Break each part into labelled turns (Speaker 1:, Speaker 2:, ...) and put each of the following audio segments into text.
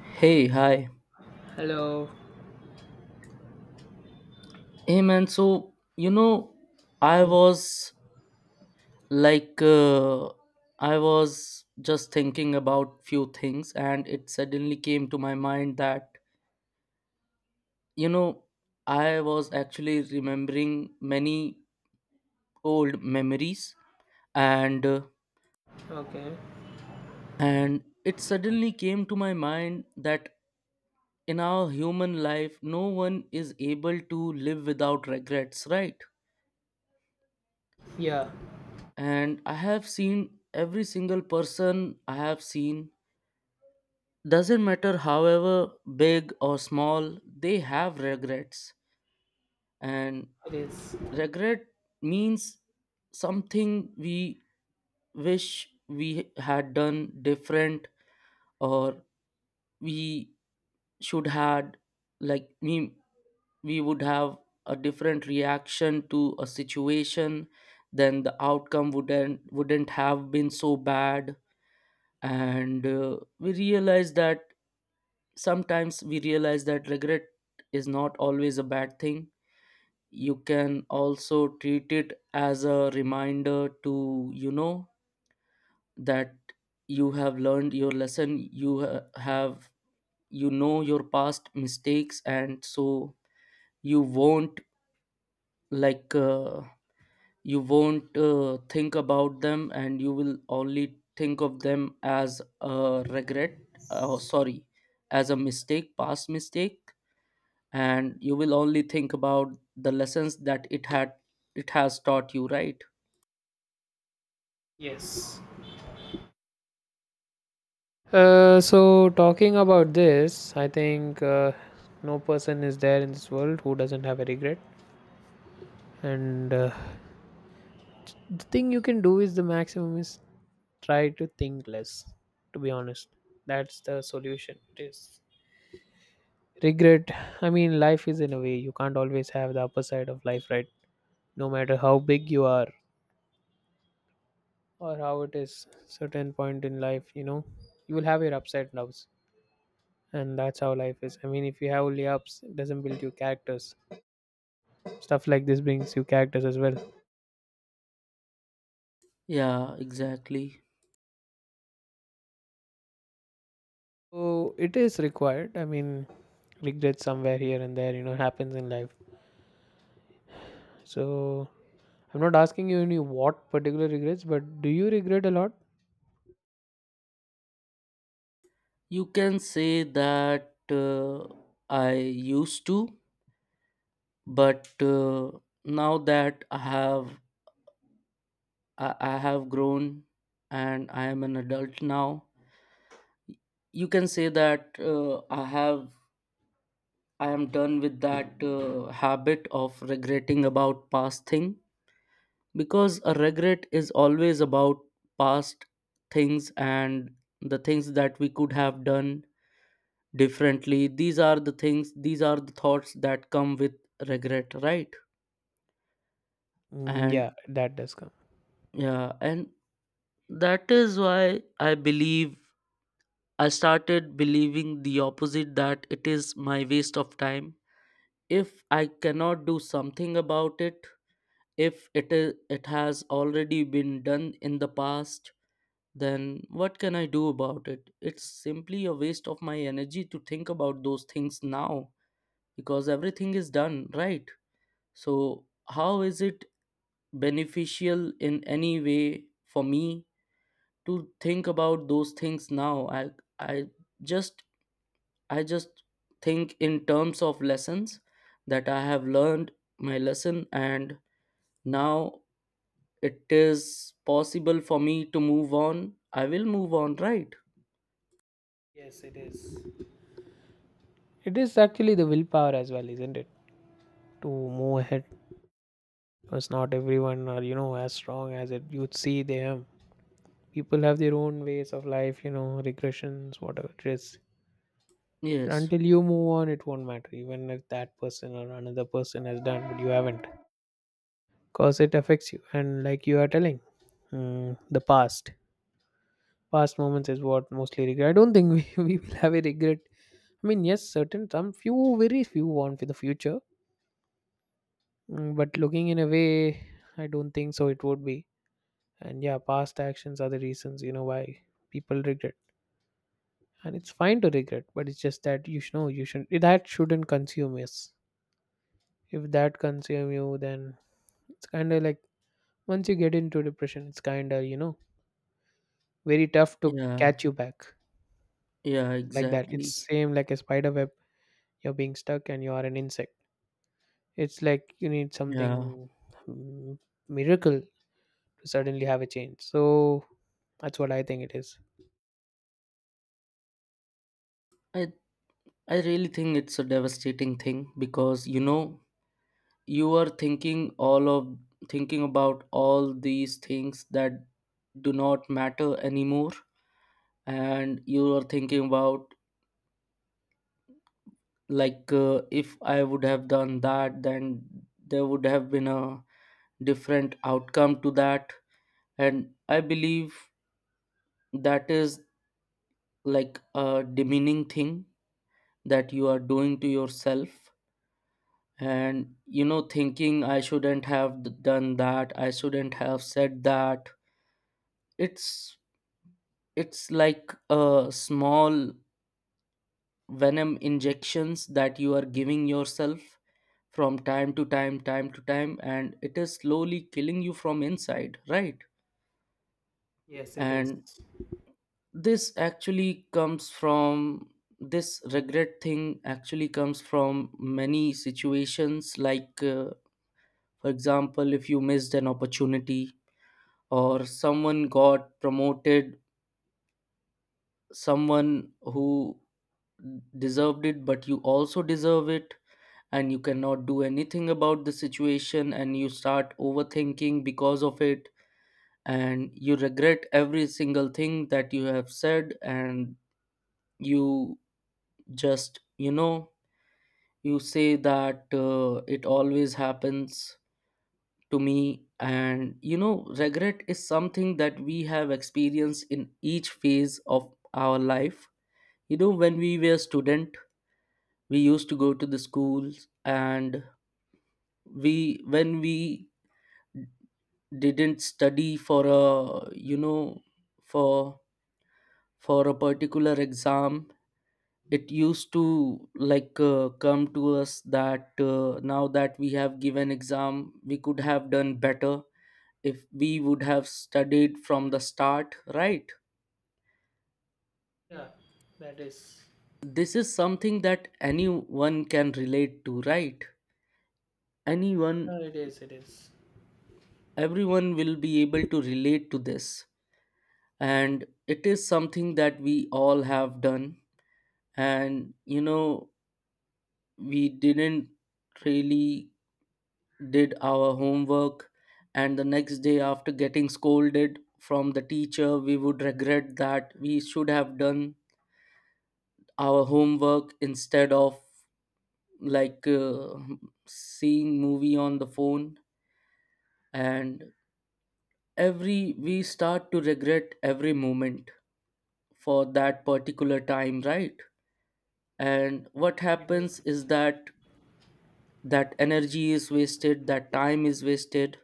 Speaker 1: Hey, hi.
Speaker 2: Hello.
Speaker 1: Hey, man. I was like, uh, I was just thinking about few things, and it suddenly came to my mind that, you know, I was actually remembering many old memories, and uh,
Speaker 2: Okay.
Speaker 1: and it suddenly came to my mind that in our human life, no one is able to live without regrets, right?
Speaker 2: Yeah,
Speaker 1: And I have seen every single person I have seen doesn't matter however big or small, they have regrets. And
Speaker 2: it is.
Speaker 1: regret means something we wish we had done different, or we should had, like we would have a different reaction to a situation, then the outcome wouldn't have been so bad. And uh, we realize that sometimes we realize that regret is not always a bad thing. You can also treat it as a reminder, to you know that you have learned your lesson, you have, you know, your past mistakes, and so you won't, like uh, you won't, think about them, and you will only think of them as a regret. Sorry, as a mistake, past mistake, and you will only think about the lessons that it had, it has taught you, right?
Speaker 2: Yes. So talking about this, I think no person is there in this world who doesn't have a regret. And the thing you can do is the maximum is try to think less. To be honest, that's the solution. It is regret. I mean, life is in a way you can't always have the upper side of life, right? No matter how big you are or how it is, certain point in life, you know, you will have your upside and downs. And that's how life is. I mean, if you have only ups, it doesn't build you characters. Stuff like this brings you characters as well.
Speaker 1: Yeah, exactly.
Speaker 2: So it is required. I mean, regret somewhere here and there, you know, happens in life. So I'm not asking you any what particular regrets, but do you regret a lot?
Speaker 1: you can say that I used to, but now that I have, I have grown and I am an adult now. You can say that I have, I am done with that habit of regretting about past thing, because a regret is always about past things, and the things that we could have done differently, these are the things, these are the thoughts that come with regret, right?
Speaker 2: Mm,
Speaker 1: And
Speaker 2: yeah, that does come.
Speaker 1: yeah, and that is why I believe I started believing the opposite, that it is my waste of time. If I cannot do something about it, if it is, it has already been done in the past, then what can I do about it? It's simply a waste of my energy to think about those things now, because everything is done, right? So how is it beneficial in any way for me to think about those things now? I just I just think in terms of lessons that I have learned my lesson, and now it is possible for me to move on. I will move on, right?
Speaker 2: Yes, it is. It is actually the willpower as well, isn't it? To move ahead, because not everyone are, you know, as strong as it you'd see they them. People have their own ways of life, you know, regressions, whatever it is. And
Speaker 1: Yes.
Speaker 2: until you move on, it won't matter, even if that person or another person has done, but you haven't, because it affects you. And like you are telling, mm, the past, past moments is what mostly regret. I don't think we, we will have a regret. I mean, yes, certain some few, very few want for the future. But looking in a way, I don't think so. It would be, and yeah, past actions are the reasons you know why people regret, and it's fine to regret, but it's just that you should know you should that shouldn't consume us. If that consume you, then it's kind of like once you get into depression, it's kind of, you know, very tough to
Speaker 1: Yeah.
Speaker 2: catch you back
Speaker 1: Yeah,
Speaker 2: like that.
Speaker 1: exactly.
Speaker 2: It's same like a spider web. You're being stuck and you are an insect. It's like you need
Speaker 1: Yeah.
Speaker 2: something mm, miracle to suddenly have a change. So that's what I think it is.
Speaker 1: I I really think it's a devastating thing, because you know, you are thinking all of, thinking about all these things that do not matter anymore, and you are thinking about, if I would have done that, then there would have been a different outcome to that. And I believe that is like a demeaning thing that you are doing to yourself, and you know, thinking I shouldn't have done that, I shouldn't have said that. it's it's like a small venom injections that you are giving yourself from time to time, and it is slowly killing you from inside, right?
Speaker 2: Yes, it is.
Speaker 1: And this actually comes from, this regret thing actually comes from many situations, for example, if you missed an opportunity, or someone got promoted, someone who deserved it, but you also deserve it, and you cannot do anything about the situation, and you start overthinking because of it, and you regret every single thing that you have said. And you just, you know, you say that it always happens to me. And you know, regret is something that we have experienced in each phase of our life. You know, when we were student, we used to go to the schools, and we, when we didn't study for a, you know, for for a particular exam, it used to come to us that now that we have given exam, we could have done better if we would have studied from the start, right?
Speaker 2: Yeah, that is.
Speaker 1: This is something that anyone can relate to, right? Anyone,
Speaker 2: It is. It is.
Speaker 1: everyone will be able to relate to this. And it is something that we all have done. And you know, we didn't really did our homework, and the next day, after getting scolded from the teacher, we would regret that we should have done our homework instead of like uh, seeing movie on the phone. And every, we start to regret every moment for that particular time, right? And what
Speaker 2: You know.
Speaker 1: happens is that that energy is wasted, that time is wasted.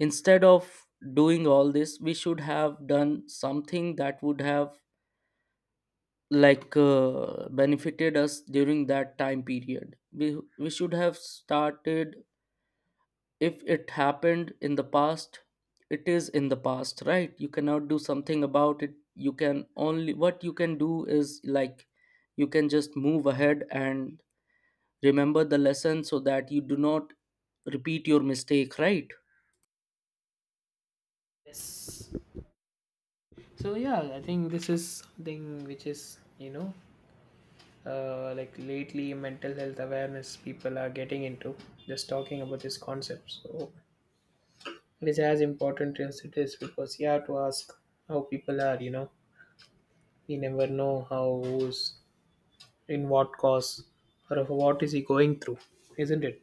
Speaker 1: Instead of doing all this, we should have done something that would have benefited us during that time period. We should have started. If it happened in the past, it is in the past, right? You cannot do something about it. You can only, what you can do is like, you can just move ahead and remember the lesson so that you do not repeat your mistake, right?
Speaker 2: Yes. So yeah, I think this is something which is like lately mental health awareness people are getting into, just talking about this concept. So it is as important as it is because you have to ask how people are, you know. You never know how, who's in what cause or what is he going through, isn't it?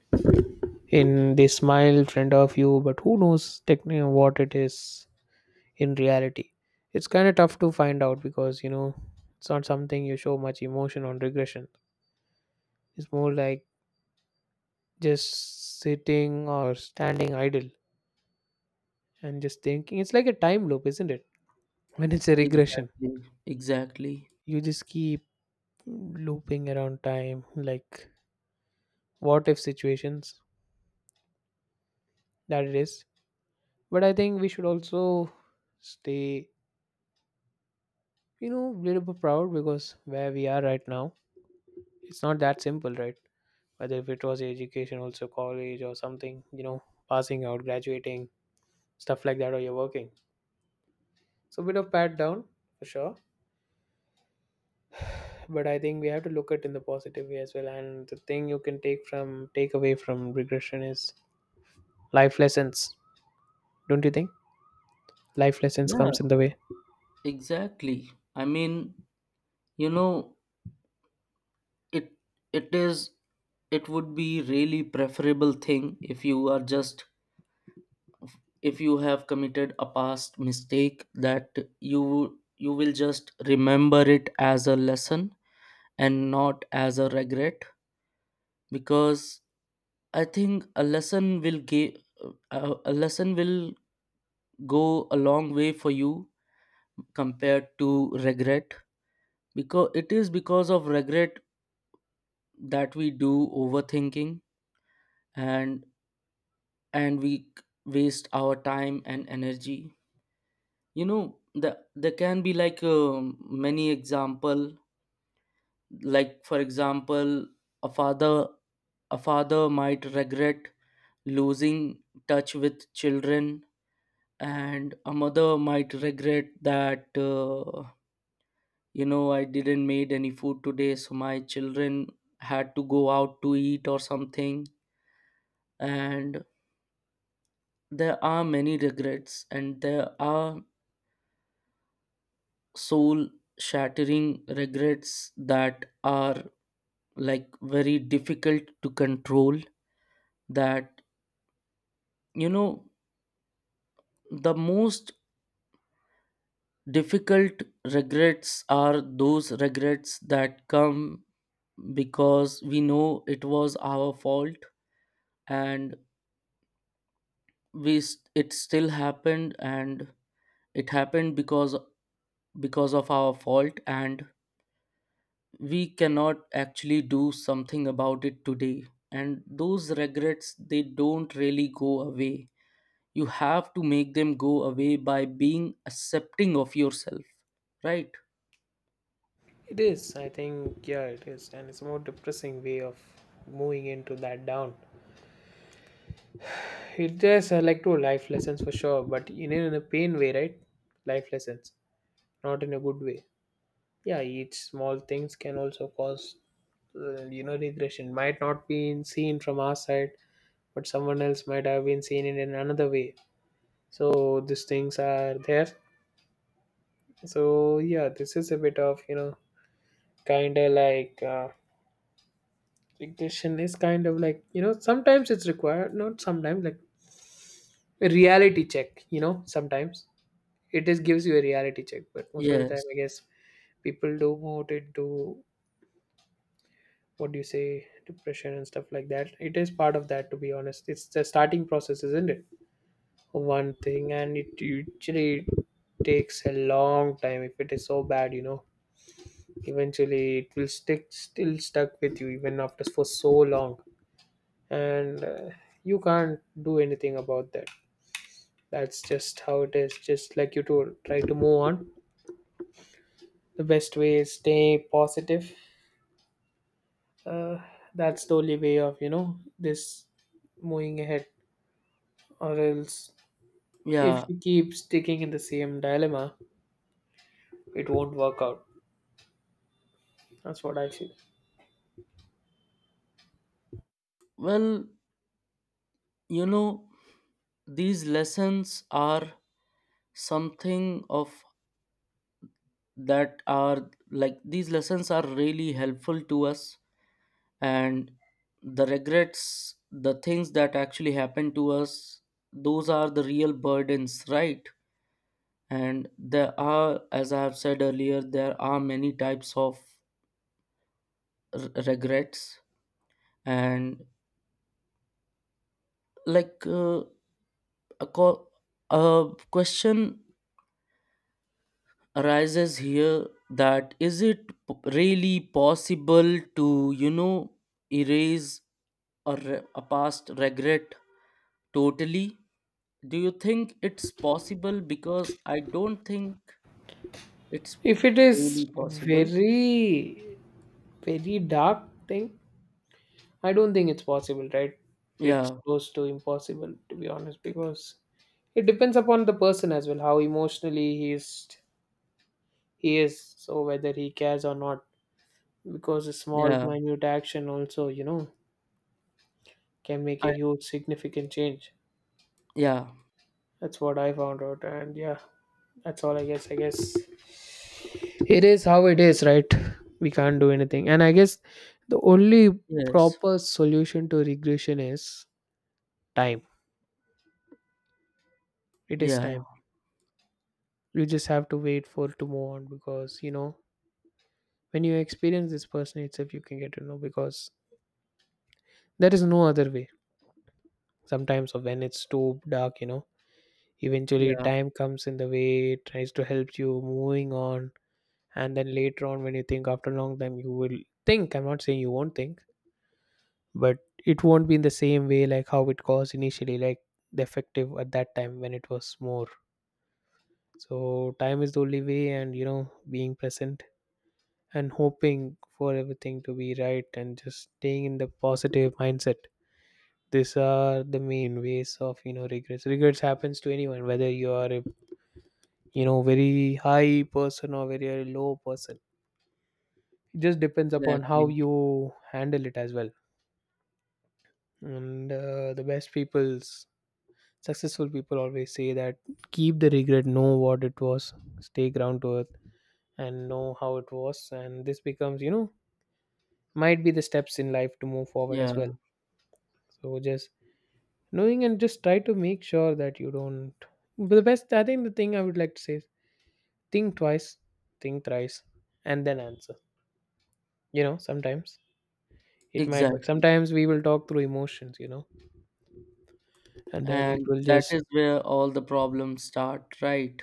Speaker 2: In they smile in front of you, but who knows technically what it is in reality. It's kind of tough to find out because, you know, it's not something you show much emotion on regression. It's more like just sitting or standing idle and just thinking. It's like a time loop, isn't it? When it's a regression,
Speaker 1: Exactly. Exactly.
Speaker 2: you just keep looping around time, like what if situations, that it is. But I think we should also stay, you know, a little bit proud because where we are right now, it's not that simple, right? Whether if it was education, also college or something, you know, passing out, graduating, stuff like that, or you're working. So, a bit of pat down for sure. But I think we have to look at in the positive way as well. And the thing you can take away from regression is life lessons. Don't you think life lessons
Speaker 1: Yeah.
Speaker 2: comes in the way?
Speaker 1: Exactly. I mean, you know, it it is, it would be really preferable thing if you are just, if you have committed a past mistake, that you will just remember it as a lesson and not as a regret. Because I think a lesson will give, a lesson will go a long way for you compared to regret, because it is because of regret that we do overthinking. and and we waste our time and energy. You know, there can be like many example, like for example, a father a father might regret losing touch with children, and a mother might regret that, you know, I didn't made any food today, so my children had to go out to eat or something. And there are many regrets, and there are soul shattering regrets that are like very difficult to control. That, you know, the most difficult regrets are those regrets that come because we know it was our fault, and we it still happened, and it happened because of our fault, and we cannot actually do something about it today. And those regrets, they don't really go away. You have to make them go away by being accepting of yourself, right?
Speaker 2: It is. I think, yeah, it is. And it's a more depressing way of moving into that down. It is, like two life lessons for sure, but in a pain way, right? Life lessons, not in a good way. Yeah, each small things can also cause regression might not be seen from our side, but someone else might have been seen it in another way. So these things are there. So yeah, this is a bit of, you know, kind of like ignition is kind of like, you know, sometimes it's required. Not sometimes, like a reality check, you know, sometimes it is gives you a reality check. But most of the
Speaker 1: Yes.
Speaker 2: time, I guess people do more into what do you say, depression and stuff like that. It is part of that, to be honest. It's the starting process, isn't it? One thing. And it usually takes a long time if it is so bad, you know. Eventually it will stick still stuck with you even after for so long. And you can't do anything about that. That's just how it is, just like you to try to move on. The best way is stay positive, uh, that's the only way of, you know, this moving ahead. Or else, if
Speaker 1: Yeah.
Speaker 2: you keep sticking in the same dilemma, it won't work out. That's what I feel.
Speaker 1: Well, you know, these lessons are something of, that are like, these lessons are really helpful to us. And the regrets, the things that actually happen to us, those are the real burdens, right? And there are, as I have said earlier, there are many types of regrets. And, like uh, a, a question arises here, that is it really possible to, you know, erase a, a past regret totally? Do you think it's possible? Because I don't think it's
Speaker 2: If it is
Speaker 1: really possible.
Speaker 2: very, very dark thing, I don't think it's possible, right? It's
Speaker 1: Yeah.
Speaker 2: close to impossible, to be honest, because it depends upon the person as well, how emotionally he is, so whether he cares or not, because a small,
Speaker 1: Yeah.
Speaker 2: minute action also, you know, can make
Speaker 1: I,
Speaker 2: a huge, significant change.
Speaker 1: yeah.
Speaker 2: That's what I found out. And yeah, that's all, I guess. I guess it is how it is, right? We can't do anything. And I guess the only
Speaker 1: Yes.
Speaker 2: proper solution to regression is time. It is
Speaker 1: Yeah.
Speaker 2: time. You just have to wait for it to move on because, you know, when you experience this person itself, you can get to know because there is no other way. Sometimes when it's too dark, you know, eventually
Speaker 1: Yeah,
Speaker 2: time comes in the way, it tries to help you moving on. And then later on, when you think after a long time, you will think. I'm not saying you won't think, but it won't be in the same way like how it was initially, like the effective at that time when it was more. So time is the only way. And you know, being present and hoping for everything to be right and just staying in the positive mindset, these are the main ways of, you know, regrets happens to anyone whether you are a, you know, very high person or very low person. It just depends upon how
Speaker 1: exactly.
Speaker 2: you handle it as well. And the best people's Successful people always say that keep the regret, know what it was, stay ground to earth, and know how it was. And this becomes, you know, might be the steps in life to move forward as well.
Speaker 1: Yeah,
Speaker 2: So just knowing and just try to make sure that you don't. But the best, I think, the thing I would like to say is think twice, think thrice, and then answer. You know, sometimes it might work.
Speaker 1: exactly.
Speaker 2: Sometimes we will talk through emotions, you know, and then it
Speaker 1: And
Speaker 2: will
Speaker 1: that
Speaker 2: just,
Speaker 1: is where all the problems start, right?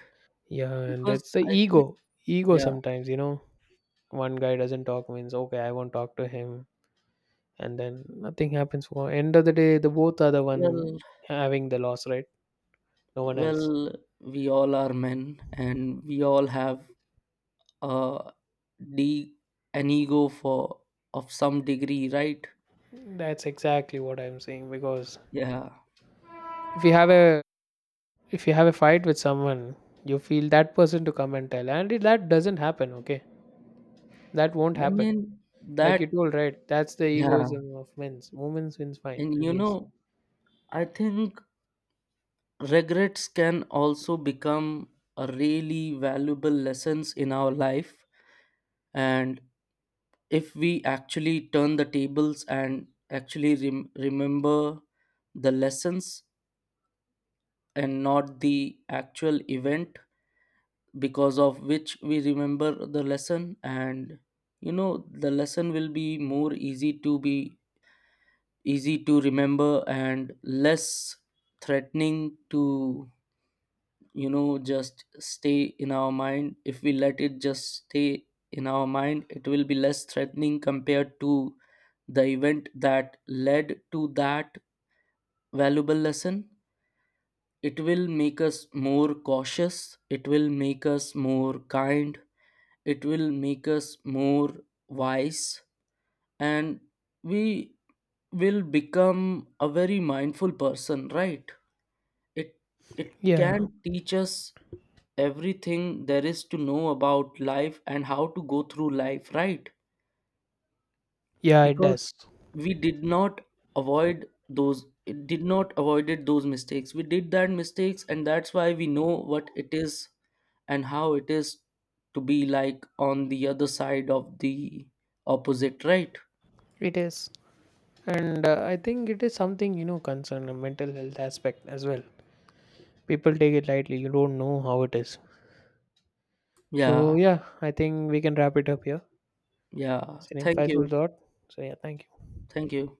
Speaker 2: yeah, and
Speaker 1: Because
Speaker 2: that's the
Speaker 1: I think,
Speaker 2: ego. Ego
Speaker 1: yeah,
Speaker 2: sometimes, you know, one guy doesn't talk means okay, I won't talk to him. And then nothing happens. For end of the day, the both are the
Speaker 1: well.
Speaker 2: one having the loss, right? No one else.
Speaker 1: Well, we all are men and we all have a de- an ego for, of some degree, right?
Speaker 2: That's exactly what I'm saying, because
Speaker 1: Yeah.
Speaker 2: if you have a if you have a fight with someone, you feel that person to come and tell. And it, that doesn't happen, okay? That won't
Speaker 1: I
Speaker 2: happen.
Speaker 1: mean
Speaker 2: Like you
Speaker 1: that,
Speaker 2: told, right, that's the
Speaker 1: yeah.
Speaker 2: egoism of men's women's wins, fine,
Speaker 1: And
Speaker 2: at
Speaker 1: you
Speaker 2: least.
Speaker 1: know, I think regrets can also become a really valuable lessons in our life. And if we actually turn the tables and actually remember the lessons and not the actual event because of which we remember the lesson. And you know, the lesson will be more easy to be, easy to remember and less threatening to, you know, just stay in our mind. If we let it just stay in our mind, it will be less threatening compared to the event that led to that valuable lesson. It will make us more cautious, it will make us more kind, it will make us more wise, and we will become a very mindful person, right? it it
Speaker 2: Yeah,
Speaker 1: can teach us everything there is to know about life and how to go through life, right?
Speaker 2: yeah, it
Speaker 1: Because
Speaker 2: does.
Speaker 1: we did not avoid those, did not avoided those mistakes, we did that mistakes, and that's why we know what it is and how it is to be like on the other side of the opposite, right?
Speaker 2: It is. And I think it is something, you know, concern a mental health aspect as well. People take it lightly. You don't know how it is.
Speaker 1: Yeah.
Speaker 2: So yeah, I think we can wrap it up here.
Speaker 1: Yeah,
Speaker 2: It's an
Speaker 1: thank you.
Speaker 2: insightful thought. So yeah, thank you.
Speaker 1: Thank you.